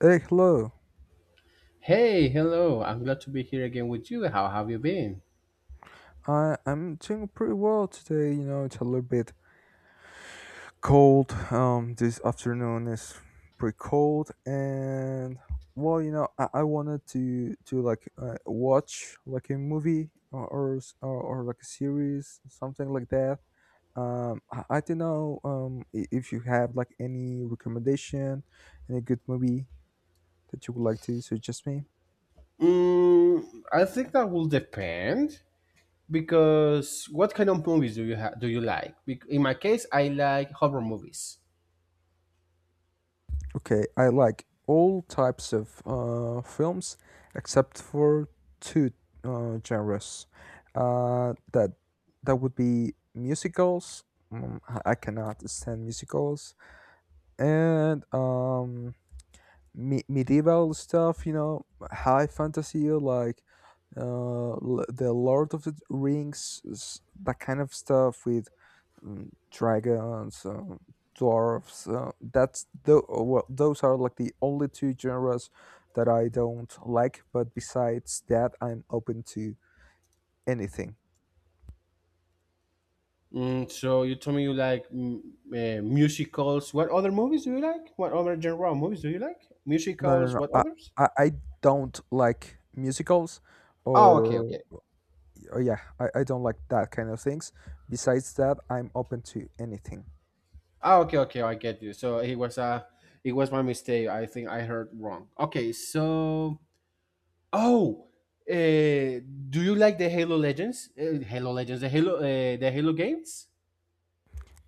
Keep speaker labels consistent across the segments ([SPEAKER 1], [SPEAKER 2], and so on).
[SPEAKER 1] Hey, hello.
[SPEAKER 2] Hey, hello. I'm glad to be here again with you. How have you been?
[SPEAKER 1] I'm doing pretty well today. You know, it's a little bit cold. This afternoon is pretty cold, and well, you know, I wanted to watch like a movie or, s- or, like a series, something like that. I don't know. If you have like any recommendation, any good movie that you would like to suggest me.
[SPEAKER 2] I think that will depend because what kind of movies do do you like? In my case, I like horror movies.
[SPEAKER 1] Okay, I like all types of films except for two genres. That that would be musicals. Mm, I cannot stand musicals and medieval stuff. You know, high fantasy like the Lord of the Rings, that kind of stuff with dragons, dwarves. Those are like the only two genres that I don't like. But besides that, I'm open to anything.
[SPEAKER 2] So you told me you like musicals. What other movies do you like? What other genre of movies do you like?
[SPEAKER 1] No, no,
[SPEAKER 2] Musicals.
[SPEAKER 1] no.
[SPEAKER 2] What
[SPEAKER 1] I
[SPEAKER 2] others?
[SPEAKER 1] I, I don't like musicals,
[SPEAKER 2] Oh, okay,
[SPEAKER 1] or,
[SPEAKER 2] okay.
[SPEAKER 1] or yeah, I don't like that kind of things. Besides that, I'm open to anything.
[SPEAKER 2] Oh, okay, okay. I get you. It was my mistake. I think I heard wrong. Okay, so Oh, do you like the Halo Legends? Halo Legends, the Halo games?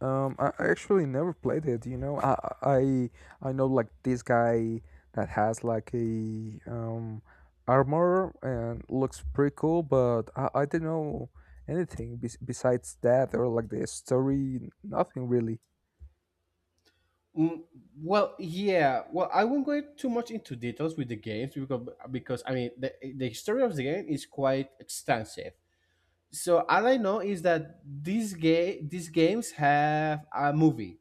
[SPEAKER 1] I actually never played it. You know, I know like this guy that has like a armor and looks pretty cool, but I don't know anything besides that or like the story. Nothing really.
[SPEAKER 2] Mm, well, yeah. Well, I won't go too much into details with the games because I mean, the history of the game is quite extensive. So all I know is that these games have a movie,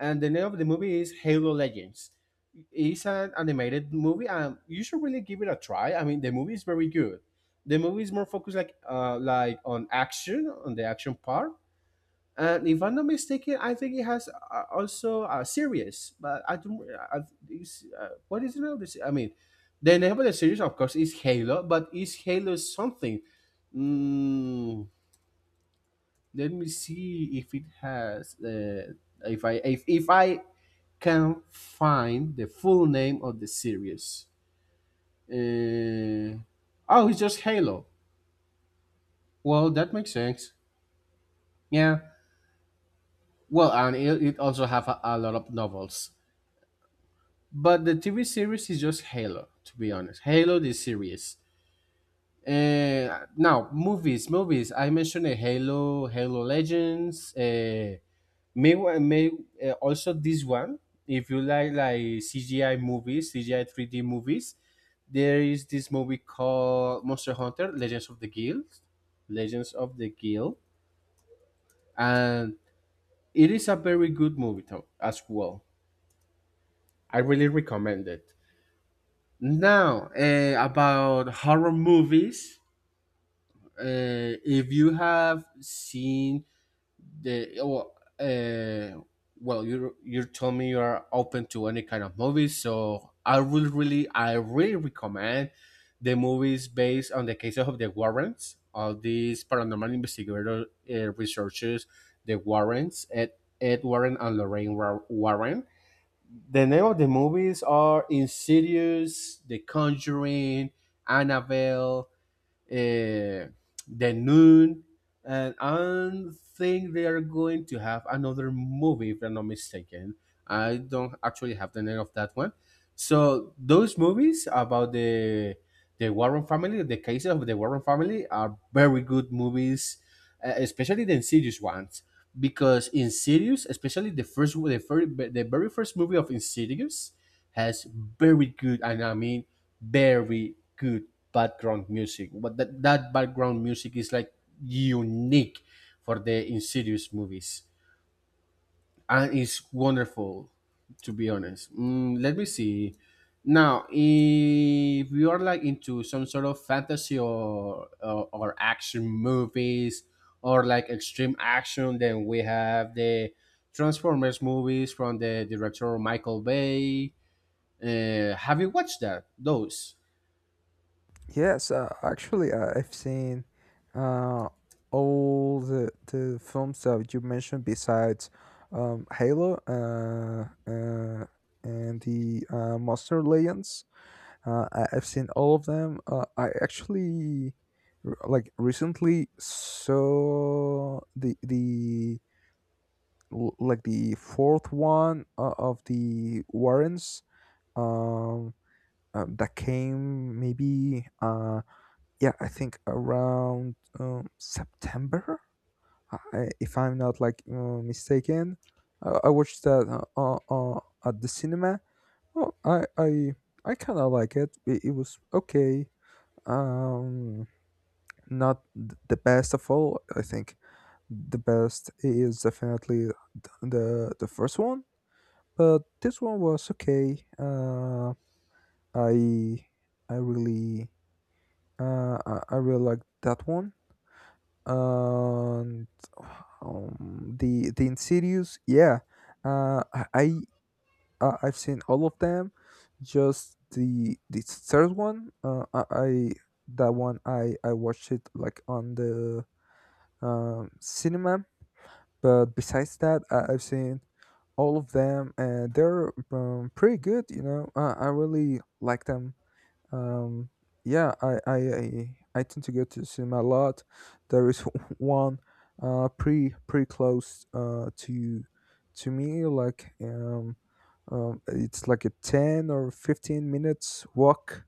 [SPEAKER 2] and the name of the movie is Halo Legends. It's an animated movie, and you should really give it a try. I mean, the movie is very good. The movie is more focused like on action, on the action part. And if I'm not mistaken, I think it has also a series, but I don't. I, what is the name of this? I mean, the name of the series, of course, is Halo, but is Halo something? Mm, let me see if it has if I can find the full name of the series. Uh, oh, it's just Halo. Well, that makes sense. Yeah. Well, and it also have a lot of novels, but the TV series is just Halo. To be honest, Halo the series. Now movies. I mentioned Halo, Halo Legends. May also this one. If you like CGI movies, CGI 3D movies, there is this movie called Monster Hunter: Legends of the Guild, Legends of the Guild, and it is a very good movie too, as well. I really recommend it. Now about horror movies, if you have seen the oh, uh, well you told me you are open to any kind of movies, so I will really I really recommend the movies based on the cases of the Warrens, of these paranormal investigator researchers, the Warrens, Ed Warren and Lorraine Warren. The name of the movies are Insidious, the Conjuring, Annabelle, uh, then Noon, and I think they are going to have another movie, if I'm not mistaken. I don't actually have the name of that one. So those movies about the Warren family, the cases of the Warren family, are very good movies, especially the Insidious ones, because Insidious, especially the first, the very first movie of Insidious, has very good, and I mean very good background music. But that background music is like unique for the Insidious movies, and it's wonderful, to be honest. Let me see. Now, if you are like into some sort of fantasy or action movies or like extreme action, then we have the Transformers movies from the director Michael Bay. Have you watched that? Those.
[SPEAKER 1] Yes, actually, I've seen uh all the films that you mentioned besides Halo and the Monster Legends. I, I've seen all of them. I actually recently saw the l- like the fourth one of the Warrens. Um, that came maybe yeah, I think around September, I, if I'm not mistaken. I watched that uh, uh, at the cinema. Well, I kind of like it. It was okay, um, not the best of all. I think the best is definitely the first one, but this one was okay. I I really I really like that one. And the Insidious, yeah. Uh, I I I've seen all of them. Just the third one. I That one I watched it like on the cinema. But besides that, I, I've seen all of them, and they're pretty good. You know, I really like them. Um, I tend to go to the cinema a lot. There is one pretty pretty close to me, like it's like a 10 or 15 minutes walk.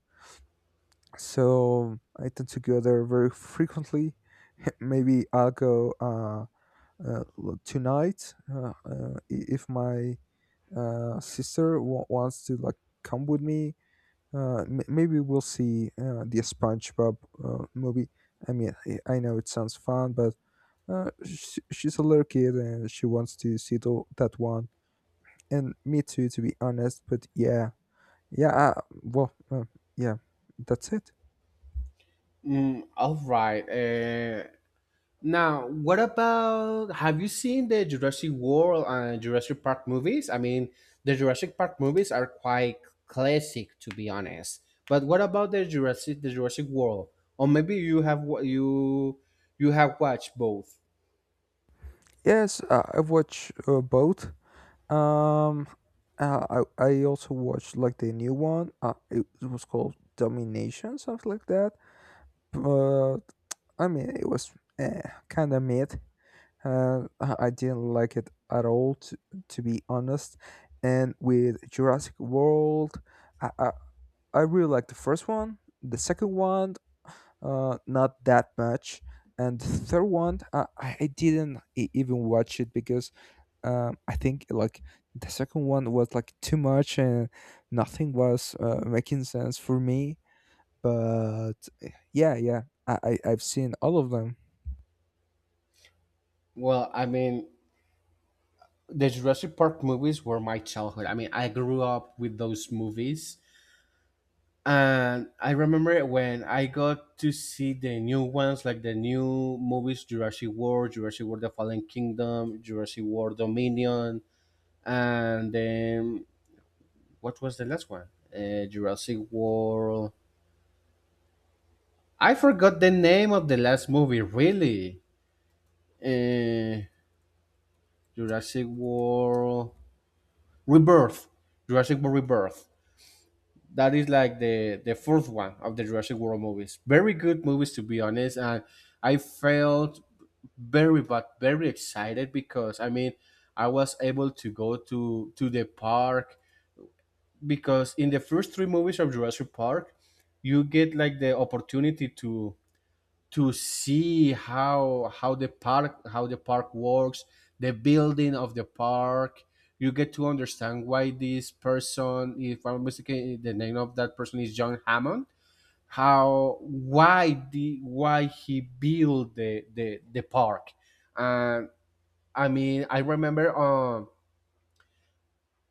[SPEAKER 1] So I tend to go there very frequently. Maybe I'll go. Tonight, if my sister wants to like come with me, maybe we'll see the spongebob movie. I know it sounds fun but she's a little kid and she wants to see that one, and me too, to be honest. But yeah, yeah, yeah, that's it.
[SPEAKER 2] All right. Now, what about? Have you seen the Jurassic World and Jurassic Park movies? I mean, the Jurassic Park movies are quite classic, to be honest. But what about the Jurassic World? Or maybe you you have watched both.
[SPEAKER 1] Yes, I've watched both. Um, I also watched like the new one. It was called Domination, something like that. But I mean, it was eh, kind of mid. I didn't like it at all, to be honest. And with Jurassic World, I, I I really like the first one. The second one, not that much. And the third one, I didn't even watch it because I think like the second one was like too much and nothing was making sense for me. But yeah, yeah, I've seen all of them.
[SPEAKER 2] Well, I mean, the Jurassic Park movies were my childhood. I mean, I grew up with those movies. And I remember when I got to see the new ones, like the new movies Jurassic World, Jurassic World The Fallen Kingdom, Jurassic World Dominion, and then what was the last one? Jurassic World. I forgot the name of the last movie, really. Uh, Jurassic World Rebirth. Jurassic World Rebirth. That is like the fourth one of the Jurassic World movies. Very good movies, to be honest. And I felt very but very excited because I mean I was able to go to the park, because in the first three movies of Jurassic Park you get like the opportunity to see how the park works, the building of the park. You get to understand why this person, if I'm mistaken, the name of that person is John Hammond, how why the why he built the park. And. I mean, I remember.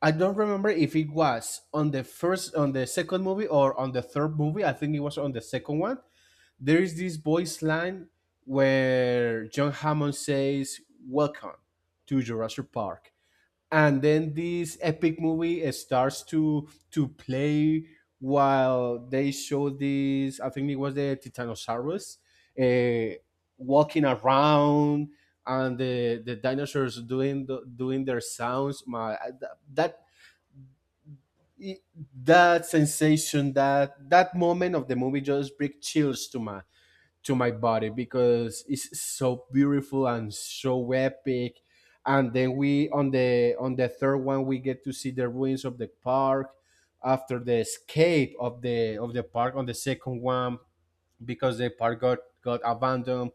[SPEAKER 2] I don't remember if it was on the first, on the second movie, or on the third movie. I think it was on the second one. There is this voice line where John Hammond says, "Welcome to Jurassic Park," and then this epic movie starts to play while they show this. I think it was the titanosaurus, uh, walking around, and the dinosaurs doing doing their sounds my that That sensation, that moment of the movie just brings chills to my body, because it's so beautiful and so epic. And then we, on the third one, we get to see the ruins of the park after the escape of the park on the second one, because the park got abandoned.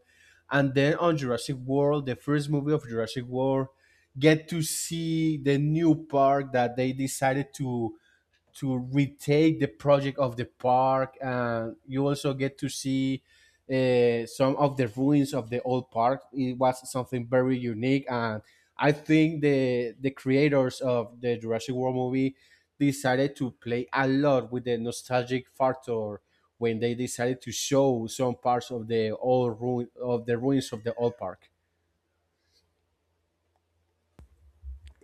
[SPEAKER 2] And then on Jurassic World, the first movie of Jurassic World, get to see the new park that they decided to retake the project of the park, and you also get to see some of the ruins of the old park. It was something very unique, and I think the creators of the Jurassic World movie decided to play a lot with the nostalgic factor when they decided to show some parts of the old ruin of the ruins of the old park.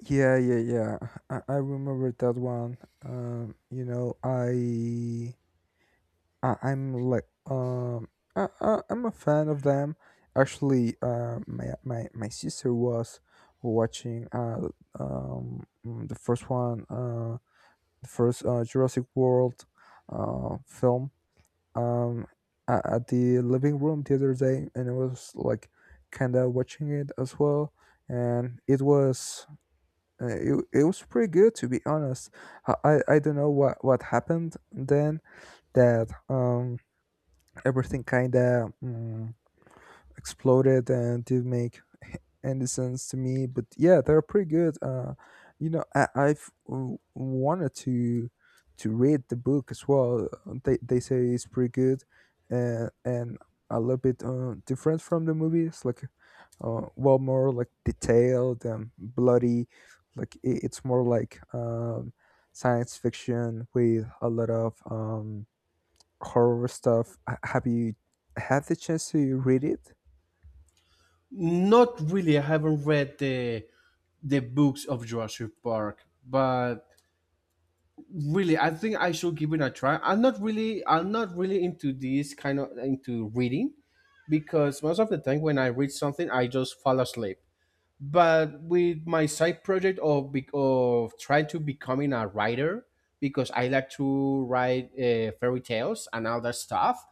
[SPEAKER 1] Yeah, yeah, yeah. I remember that one. You know, I'm like I'm a fan of them. Actually, my sister was watching the first one , the first Jurassic World film, um, at the living room the other day, and I was like kind of watching it as well, and uh, it was pretty good, to be honest. I don't know what happened then that everything kind of exploded and did make in the sense to me. But yeah, they're pretty good. You know, wanted to read the book as well. They say it's pretty good and a little bit different from the movies, like well, more like detailed and bloody. Like it's more like science fiction with a lot of horror stuff. Have you had the chance to read it?
[SPEAKER 2] Not really. I haven't read the books of Jurassic Park, but really, I think I should give it a try. I'm not really into this kind of into reading, because most of the time when I read something, I just fall asleep. But with my side project of of trying to becoming a writer, because I like to write fairy tales and all that stuff,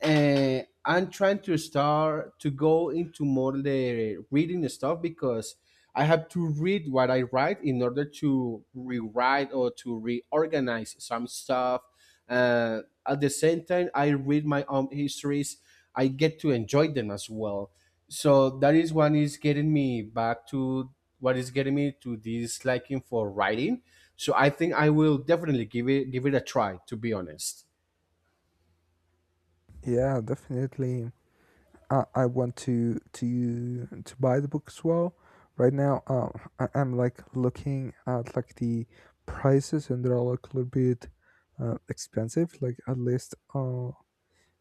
[SPEAKER 2] and I'm trying to start to go into more the reading stuff, because I have to read what I write in order to rewrite or to reorganize some stuff. At the same time, I read my own histories. I get to enjoy them as well. So that is what is getting me back to what is getting me to this liking for writing. So I think I will definitely give it a try. To be honest.
[SPEAKER 1] Yeah, definitely. I want to buy the book as well. Right now, I'm like looking at like the prices, and they're like a little bit expensive. Like at least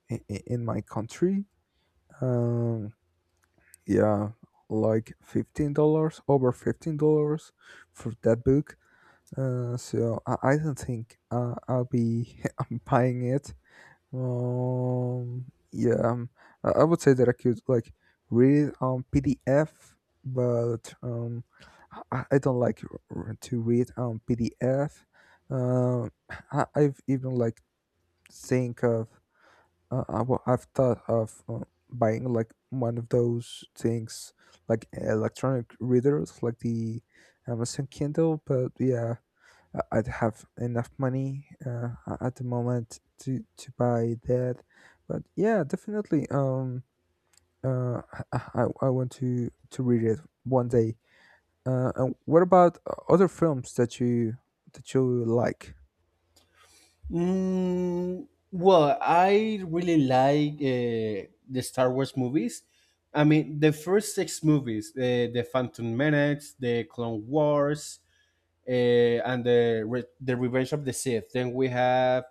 [SPEAKER 1] in, in my country, um, yeah, like $15, over $15 for that book. So I don't think I'll be buying it. Um, yeah, um, I I would say that I could like read it on PDF, but I don't like to read on PDF. Um, I've even like think of well, I've thought of buying like one of those things like electronic readers, like the Amazon Kindle. But yeah, I'd have enough money at the moment to buy that. But yeah, definitely. Uh, I I want to read it one day. And what about other films that you like?
[SPEAKER 2] Mm, well, I really like the Star Wars movies. I mean, the first six movies: the Phantom Menace, the Clone Wars, and the Revenge of the Sith. Then we have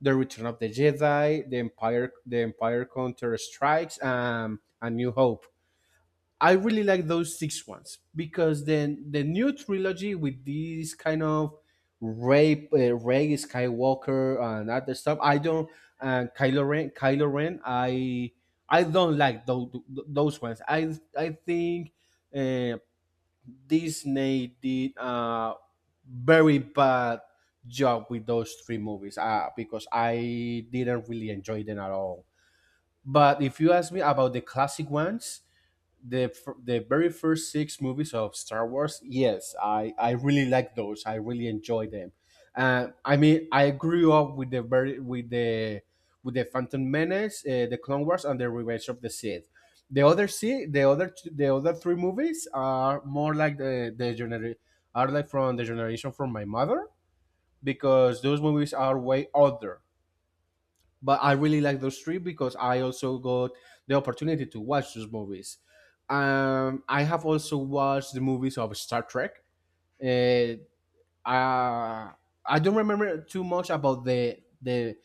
[SPEAKER 2] the Return of the Jedi, the Empire Counter Strikes, and New Hope. I really like those six ones, because then the new trilogy with these kind of Ray Skywalker and other stuff. I don't. And Kylo Ren. Kylo Ren. I don't like those ones. I think uh, Disney did a very bad job with those three movies because I didn't really enjoy them at all. But if you ask me about the classic ones, the very first six movies of Star Wars, yes, I really like those. I really enjoy them. I mean, I grew up with the very with the Phantom Menace, the Clone Wars, and the Revenge of the Sith. The the other three movies are more like are like from the generation from my mother, because those movies are way older. But I really like those three, because I also got the opportunity to watch those movies. I have also watched the movies of Star Trek. Uh, uh, I don't remember too much about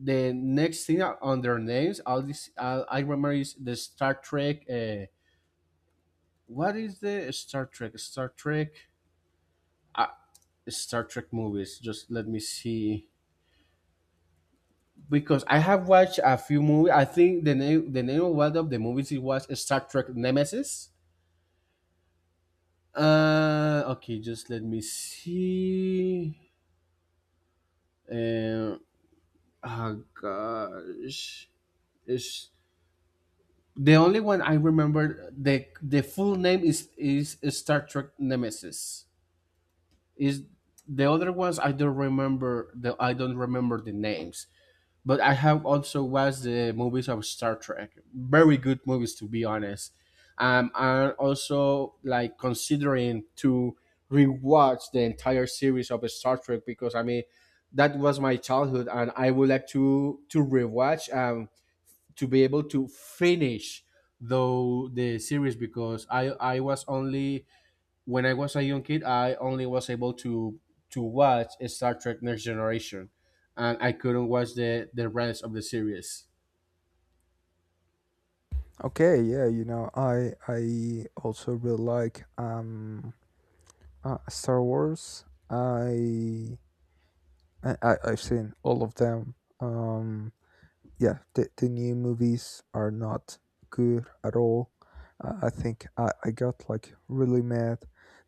[SPEAKER 2] the next thing on their names. All this I remember is the Star Trek. What is the Star Trek? Star Trek. Uh, Star Trek movies. Just let me see. Because I have watched a few movies. I think the name of one of the movies, it was Star Trek Nemesis. Okay, just let me see. Uh, oh gosh, it's the only one I remember. The full name is Star Trek Nemesis. Is the other ones I don't remember. The I don't remember the names. But I have also watched the movies of Star Trek. Very good movies, to be honest. I'm also like considering to rewatch the entire series of Star Trek because I mean that was my childhood, and I would like to rewatch to be able to finish though the series because I was only when I was a young kid, I only was able to watch Star Trek Next Generation, and I couldn't watch the rest of the series.
[SPEAKER 1] Okay, yeah, you know, I also really like Star Wars. I've seen all of them. Um, yeah, the new movies are not good at all. I think I got like really mad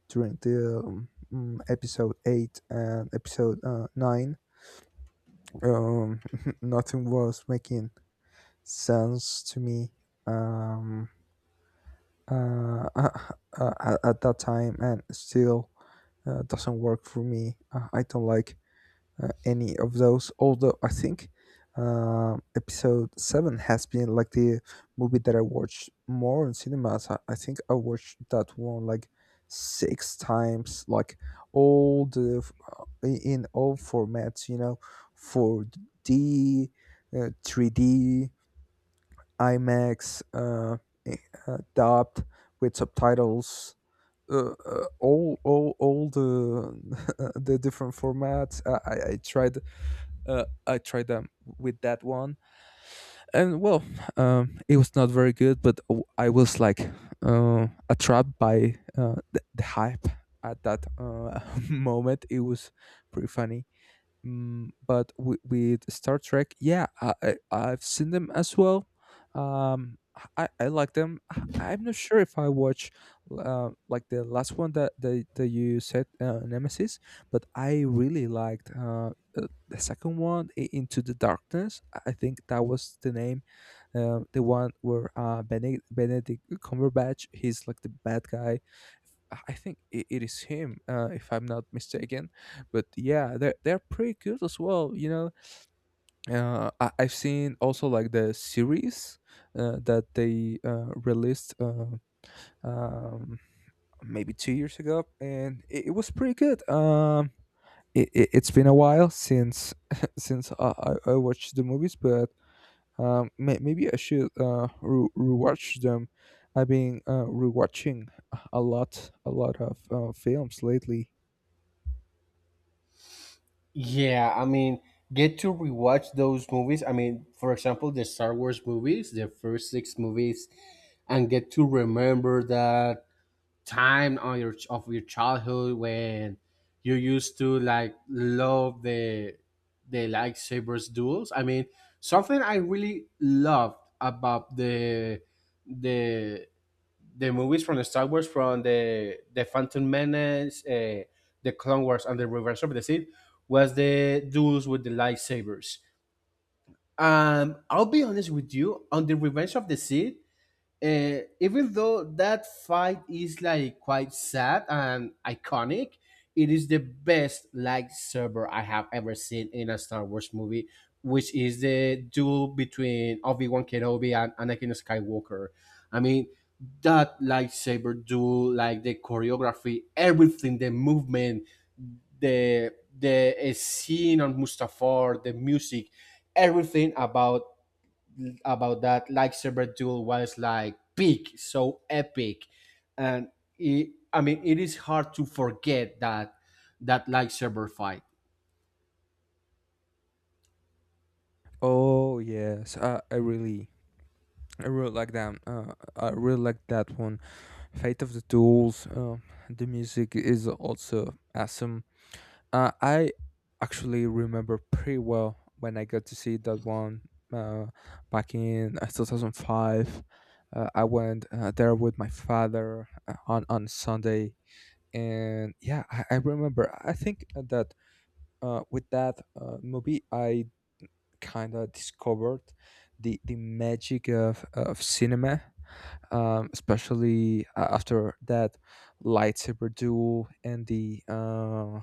[SPEAKER 1] during the episode 8 and episode 9. Um, Nothing was making sense to me, um, at that time and still doesn't work for me. I don't like any of those. Although I think episode seven has been like the movie that I watched more in cinemas. I think I watched that one like six times, like all the f- I- in all formats. You know, 4D, 3D, IMAX, dubbed with subtitles. All the the different formats. I tried, I tried them with that one, and well, it was not very good. But I was like attracted by the hype at that moment. It was pretty funny. Mm, but with Star Trek, yeah, I've seen them as well. Um, I like them. I'm not sure if I watch like the last one that you said, Nemesis, but I really liked the second one, Into the Darkness. I think that was the name. The one where Benedict Cumberbatch, he's like the bad guy. I think it is him, if I'm not mistaken. But yeah, they're pretty good as well. You know, I've seen also like the series that they released, um, maybe 2 years ago, and it was pretty good. It it's been a while since since I watched the movies, but maybe I should rewatch them. I've been rewatching a lot of films lately.
[SPEAKER 2] Yeah, I mean, get to rewatch those movies. I mean, for example, the Star Wars movies, the first six movies, and get to remember that time on your of your childhood when you used to like love the lightsabers duels. I mean, something I really loved about the the movies from the Star Wars, from the Phantom Menace, the Clone Wars, and the Revenge of the Sith, was the duels with the lightsabers. I'll be honest with you on the Revenge of the Sith, even though that fight is like quite sad and iconic, it is the best lightsaber I have ever seen in a Star Wars movie, which is the duel between Obi Wan Kenobi and Anakin Skywalker. I mean, that lightsaber duel, like the choreography, everything, the movement, the scene on Mustafar, the music, everything about that like lightsaber duel was like big, so epic, and it, I mean it is hard to forget that that like lightsaber fight.
[SPEAKER 1] Oh yes, I really like them. I really like that one. Fate of the Tools. The music is also awesome. I actually remember pretty well when I got to see that one uh, back in 2005. I went there with my father on Sunday, and yeah, I remember. I think that with that movie, I kind of discovered the magic of cinema, especially after that lightsaber duel and the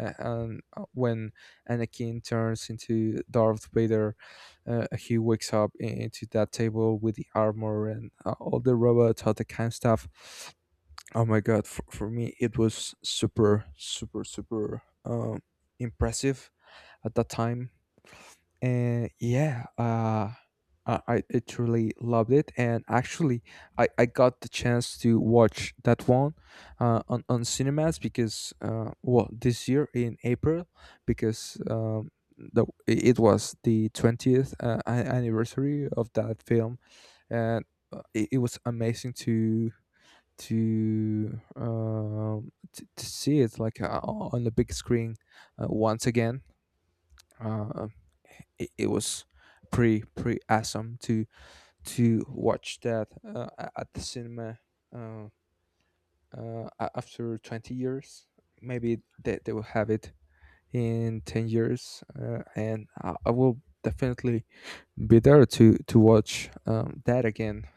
[SPEAKER 1] a- and when Anakin turns into Darth Vader, he wakes up into that table with the armor and all the robots, all that kind of stuff. Oh my god! For me, it was super, super, super impressive at that time. And yeah, I truly loved it. And actually I got the chance to watch that one on cinemas because, well, this year in April, because it was the 20th anniversary of that film. And it was amazing to see it like on the big screen once again. Uh, it was pretty awesome to watch that at the cinema. uh, After 20 years, maybe they will have it in 10 years, and I will definitely be there to watch that again.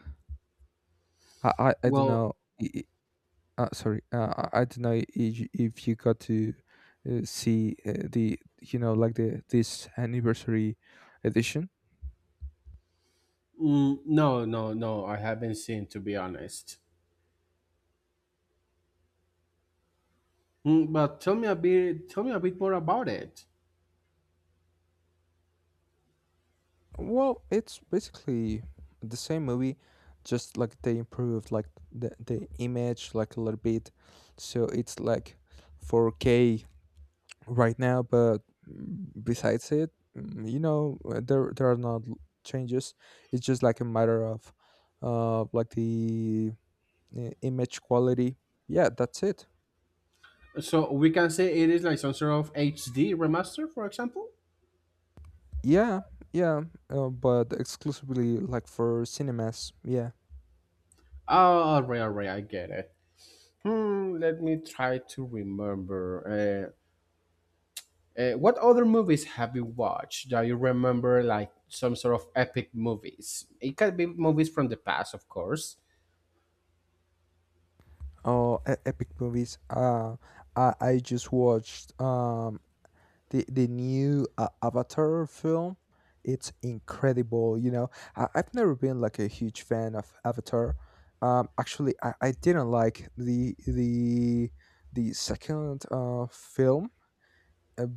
[SPEAKER 1] I don't
[SPEAKER 2] Well,
[SPEAKER 1] know. Sorry, I don't know if you got to see the you know like the this anniversary edition.
[SPEAKER 2] no, no, no, I haven't seen, to be honest. But tell me a bit, tell me a bit more about it.
[SPEAKER 1] Well, it's basically the same movie, just like they improved like the image like a little bit, so it's like 4K right now. But besides it, there are not changes. It's just like a matter of like the image quality. Yeah, that's it.
[SPEAKER 2] So we can say it is like some sort of HD remaster, for example.
[SPEAKER 1] Yeah. Yeah, but exclusively like for cinemas, yeah.
[SPEAKER 2] Oh, alright, alright, I get it. Hmm, let me try to remember. What other movies have you watched that you remember, like some sort of epic movies? It can be movies from the past, of course.
[SPEAKER 1] Oh, epic movies. I just watched the new Avatar film. It's incredible, you know. I've never been like a huge fan of Avatar. Actually, I didn't like the second film. uh,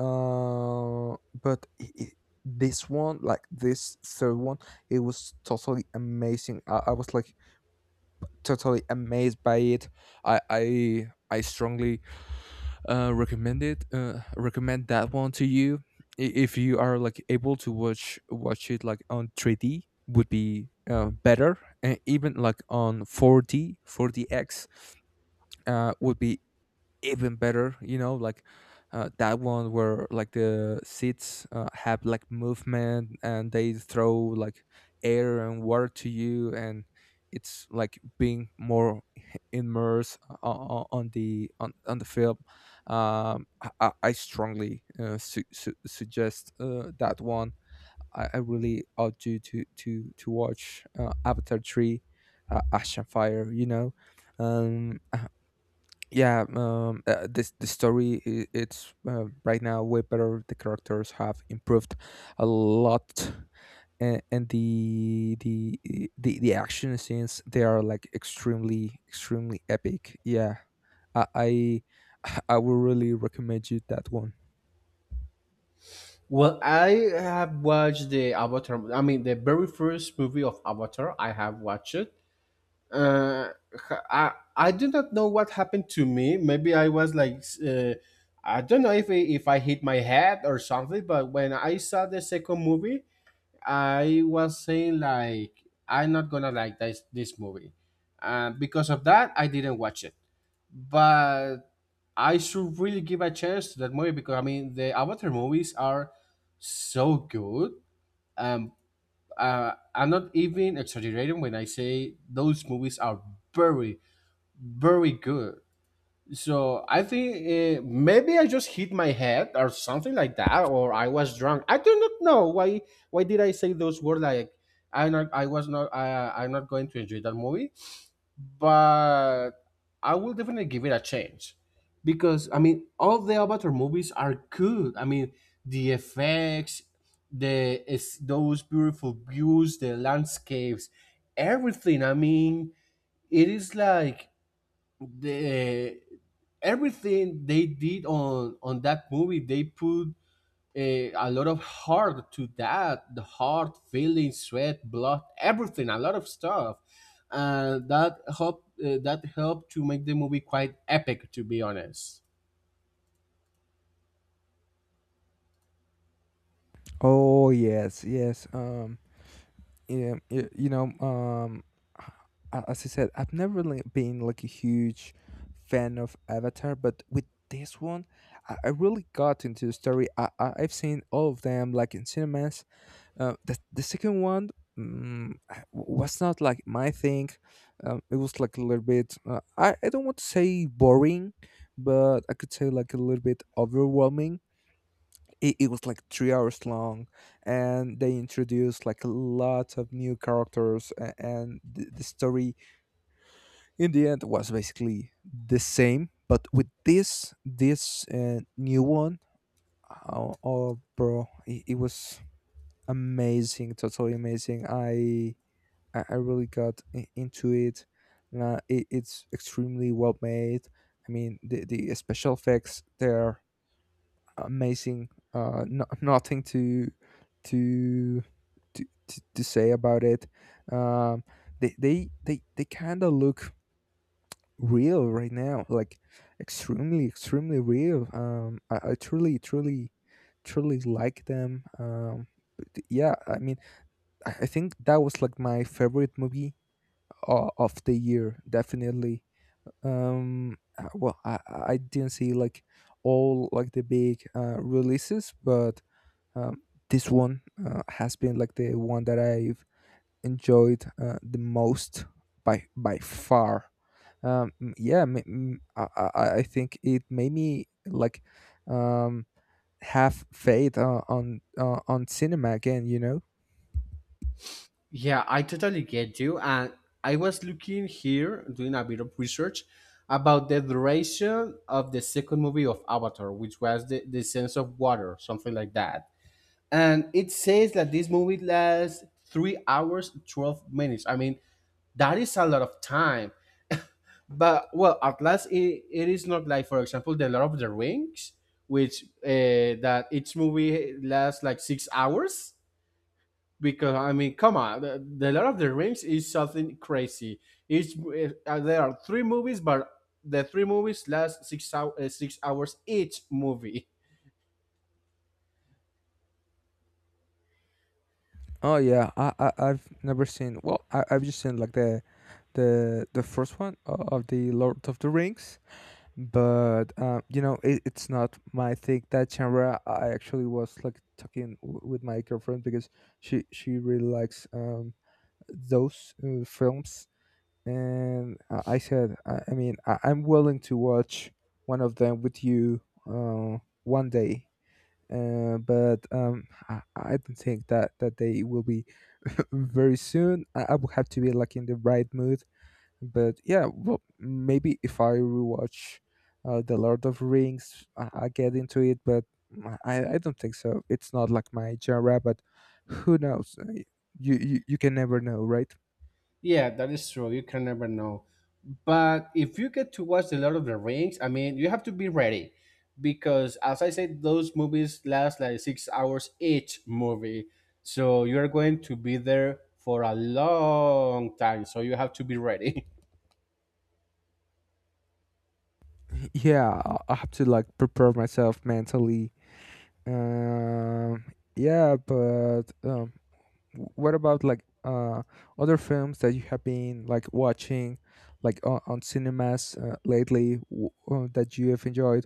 [SPEAKER 1] uh, but i i this one, like this third one, it was totally amazing. I was like totally amazed by it. I strongly recommend it. Recommend that one to you. If you are like able to watch it like on 3D, would be better, and even like on 4D, 4DX would be even better, you know, like that one where like the seats have like movement and they throw like air and water to you, and it's like being more immersed on the film. I strongly suggest that one. I really urge you to to watch avatar 3, ash and fire, you know. um yeah. This The story, it's right now way better. The characters have improved a lot. And the action scenes, they are like extremely epic, yeah. i i, I will really recommend you that one.
[SPEAKER 2] Well, I have watched the Avatar. I mean, the very first movie of Avatar. I have watched it. Uh, I do not know what happened to me. Maybe I was like, I don't know if I hit my head or something. But when I saw the second movie, I was saying like I'm not gonna like this movie, because of that I didn't watch it. But I should really give a chance to that movie because I mean the Avatar movies are so good. Um, I'm not even exaggerating when I say those movies are very very good. So I think maybe I just hit my head or something like that, or I was drunk. I do not know why. Why did I say those words? Like I was not. I'm not going to enjoy that movie, but I will definitely give it a chance because I mean, all the Avatar movies are good. I mean, the effects, the is those beautiful views, the landscapes, everything. I mean, it is like the eh, everything they did on that movie, they put a lot of heart to that, the heart, feeling, sweat, blood, everything, a lot of stuff, and that helped, that helped to make the movie quite epic, to be honest.
[SPEAKER 1] Oh, yes, yes. You know, as I said, I've never been like a huge fan of Avatar, but with this one, I really got into the story. I've seen all of them like in cinemas. The second one. Mm, was not like my thing. It was like a little bit, I don't want to say boring, but I could say like a little bit overwhelming. It was like 3 hours long, and they introduced like a lot of new characters. And the story in the end was basically the same, but with this new one. Oh, bro, it was amazing. Totally amazing. I really got into it. It's extremely well made. I mean, the special effects there, amazing. No, nothing to to to say about it. Um, they kind of look real right now, like extremely real. I truly truly like them. Yeah, I mean, I think that was like my favorite movie of the year, definitely. Well, I didn't see like all like the big releases, but um, this one has been like the one that I've enjoyed the most by far. Um, m- yeah, m- m- I, I think it made me like um, have faith on cinema again. You know.
[SPEAKER 2] Yeah, I totally get you. And I was looking here, doing a bit of research about the duration of the second movie of Avatar, which was the sense of water, something like that. And it says that this movie lasts 3 hours 12 minutes. I mean, that is a lot of time, but well, at last, it is not like, for example, the Lord of the Rings, which that each movie lasts like 6 hours because I mean come on, the Lord of the Rings is something crazy. Each there are three movies, but the three movies last 6 hours, 6 hours each movie.
[SPEAKER 1] Oh, yeah, I've never seen. Well, I've just seen like the first one of the Lord of the Rings. But you know, it's not my thing, that genre. I actually was like talking with my girlfriend because she really likes those films. And I said, I mean, I'm willing to watch one of them with you uh, one day, but I don't think that, that day will be very soon. I will have to be like in the right mood. But yeah, well, maybe if I rewatch the lord of rings, I get into it. But I don't think so. It's not like my genre, but who knows. You can never know, right.
[SPEAKER 2] Yeah, that is true. You can never know. But if you get to watch The Lord of the Rings, I mean, you have to be ready because, as I said, those movies last like 6 hours each movie. So you're going to be there for a long time. So you have to be ready.
[SPEAKER 1] Yeah, I have to like prepare myself mentally. um yeah but um what about like other films that you have been like watching like on cinemas lately, that you have enjoyed?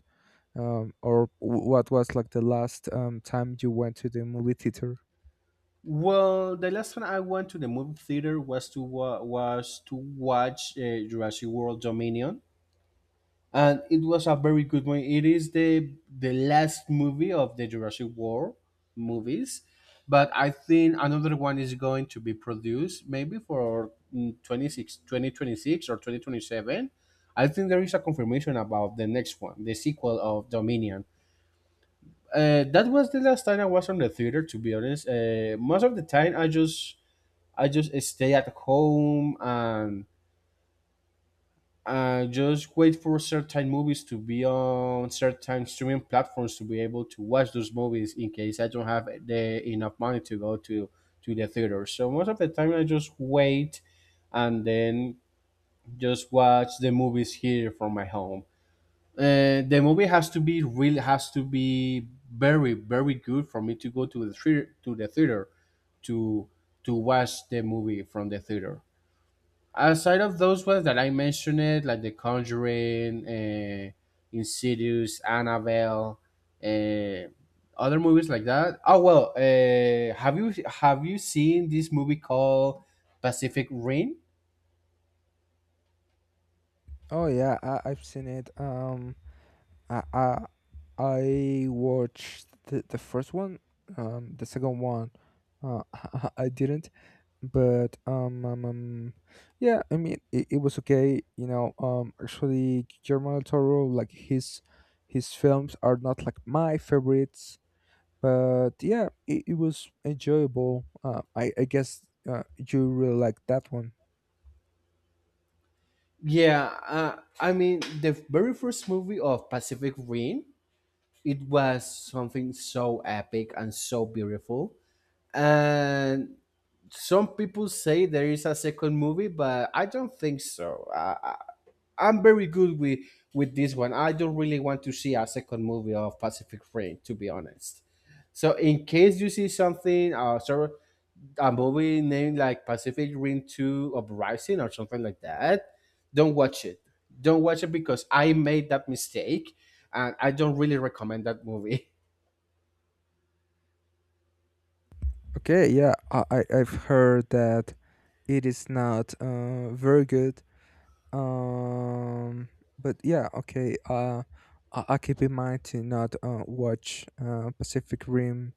[SPEAKER 1] Or what was like the last time you went to the movie theater?
[SPEAKER 2] Well, the last time I went to the movie theater was was to watch Jurassic World Dominion, and it was a very good one. It is the last movie of the Jurassic World movies, but I think another one is going to be produced maybe for 26, 2026 or 2027. I think there is a confirmation about the next one, the sequel of Dominion. That was the last time I was on the theater. To be honest, most of the time I just stay at home and just wait for certain movies to be on certain streaming platforms to be able to watch those movies in case I don't have the enough money to go to the theater. So most of the time I just wait and then just watch the movies here from my home. The movie has to be, really has to be, very very good for me to go to the theater, to the theater to to watch the movie from the theater. Aside of those ones that I mentioned, like The Conjuring, Insidious, Annabelle, uh, other movies like that. Oh well, have you seen this movie called Pacific Rim?
[SPEAKER 1] Oh, yeah, I've seen it. I I, I watched the first one, the second one. Uh, I didn't, but yeah, I mean, it was okay, you know. Um, actually, Guillermo del Toro, like his films are not like my favorites. But yeah, it was enjoyable, I guess. You really like that one.
[SPEAKER 2] Yeah, I mean the very first movie of Pacific Rim, it was something so epic and so beautiful. And some people say there is a second movie, but I don't think so. I I'm very good with this one. I don't really want to see a second movie of Pacific Rim, to be honest. So in case you see something, a movie named like Pacific Rim Two Uprising or something like that, don't watch it. Don't watch it because I made that mistake, and I don't really recommend that movie.
[SPEAKER 1] Okay. Yeah, I've heard that it is not very good. um, but yeah, okay, I keep in mind to not watch pacific rim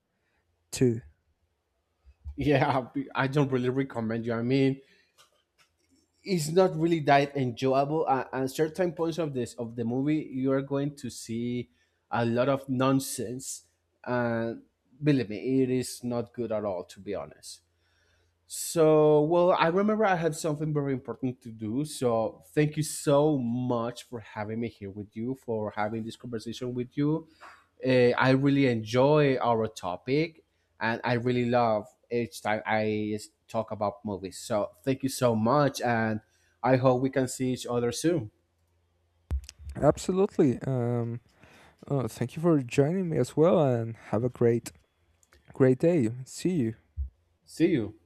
[SPEAKER 1] 2.
[SPEAKER 2] Yeah, I don't really recommend you. I mean, it's not really that enjoyable. At certain points of this of the movie, you are going to see a lot of nonsense, and believe me, it is not good at all, to be honest. So, well, I remember I had something very important to do. So, thank you so much for having me here with you, for having this conversation with you. I really enjoy our topic, and I really love each time talk about movies. So, thank you so much, and I hope we can see each other soon.
[SPEAKER 1] Absolutely. Thank you for joining me as well and have a great day. See you.
[SPEAKER 2] See you.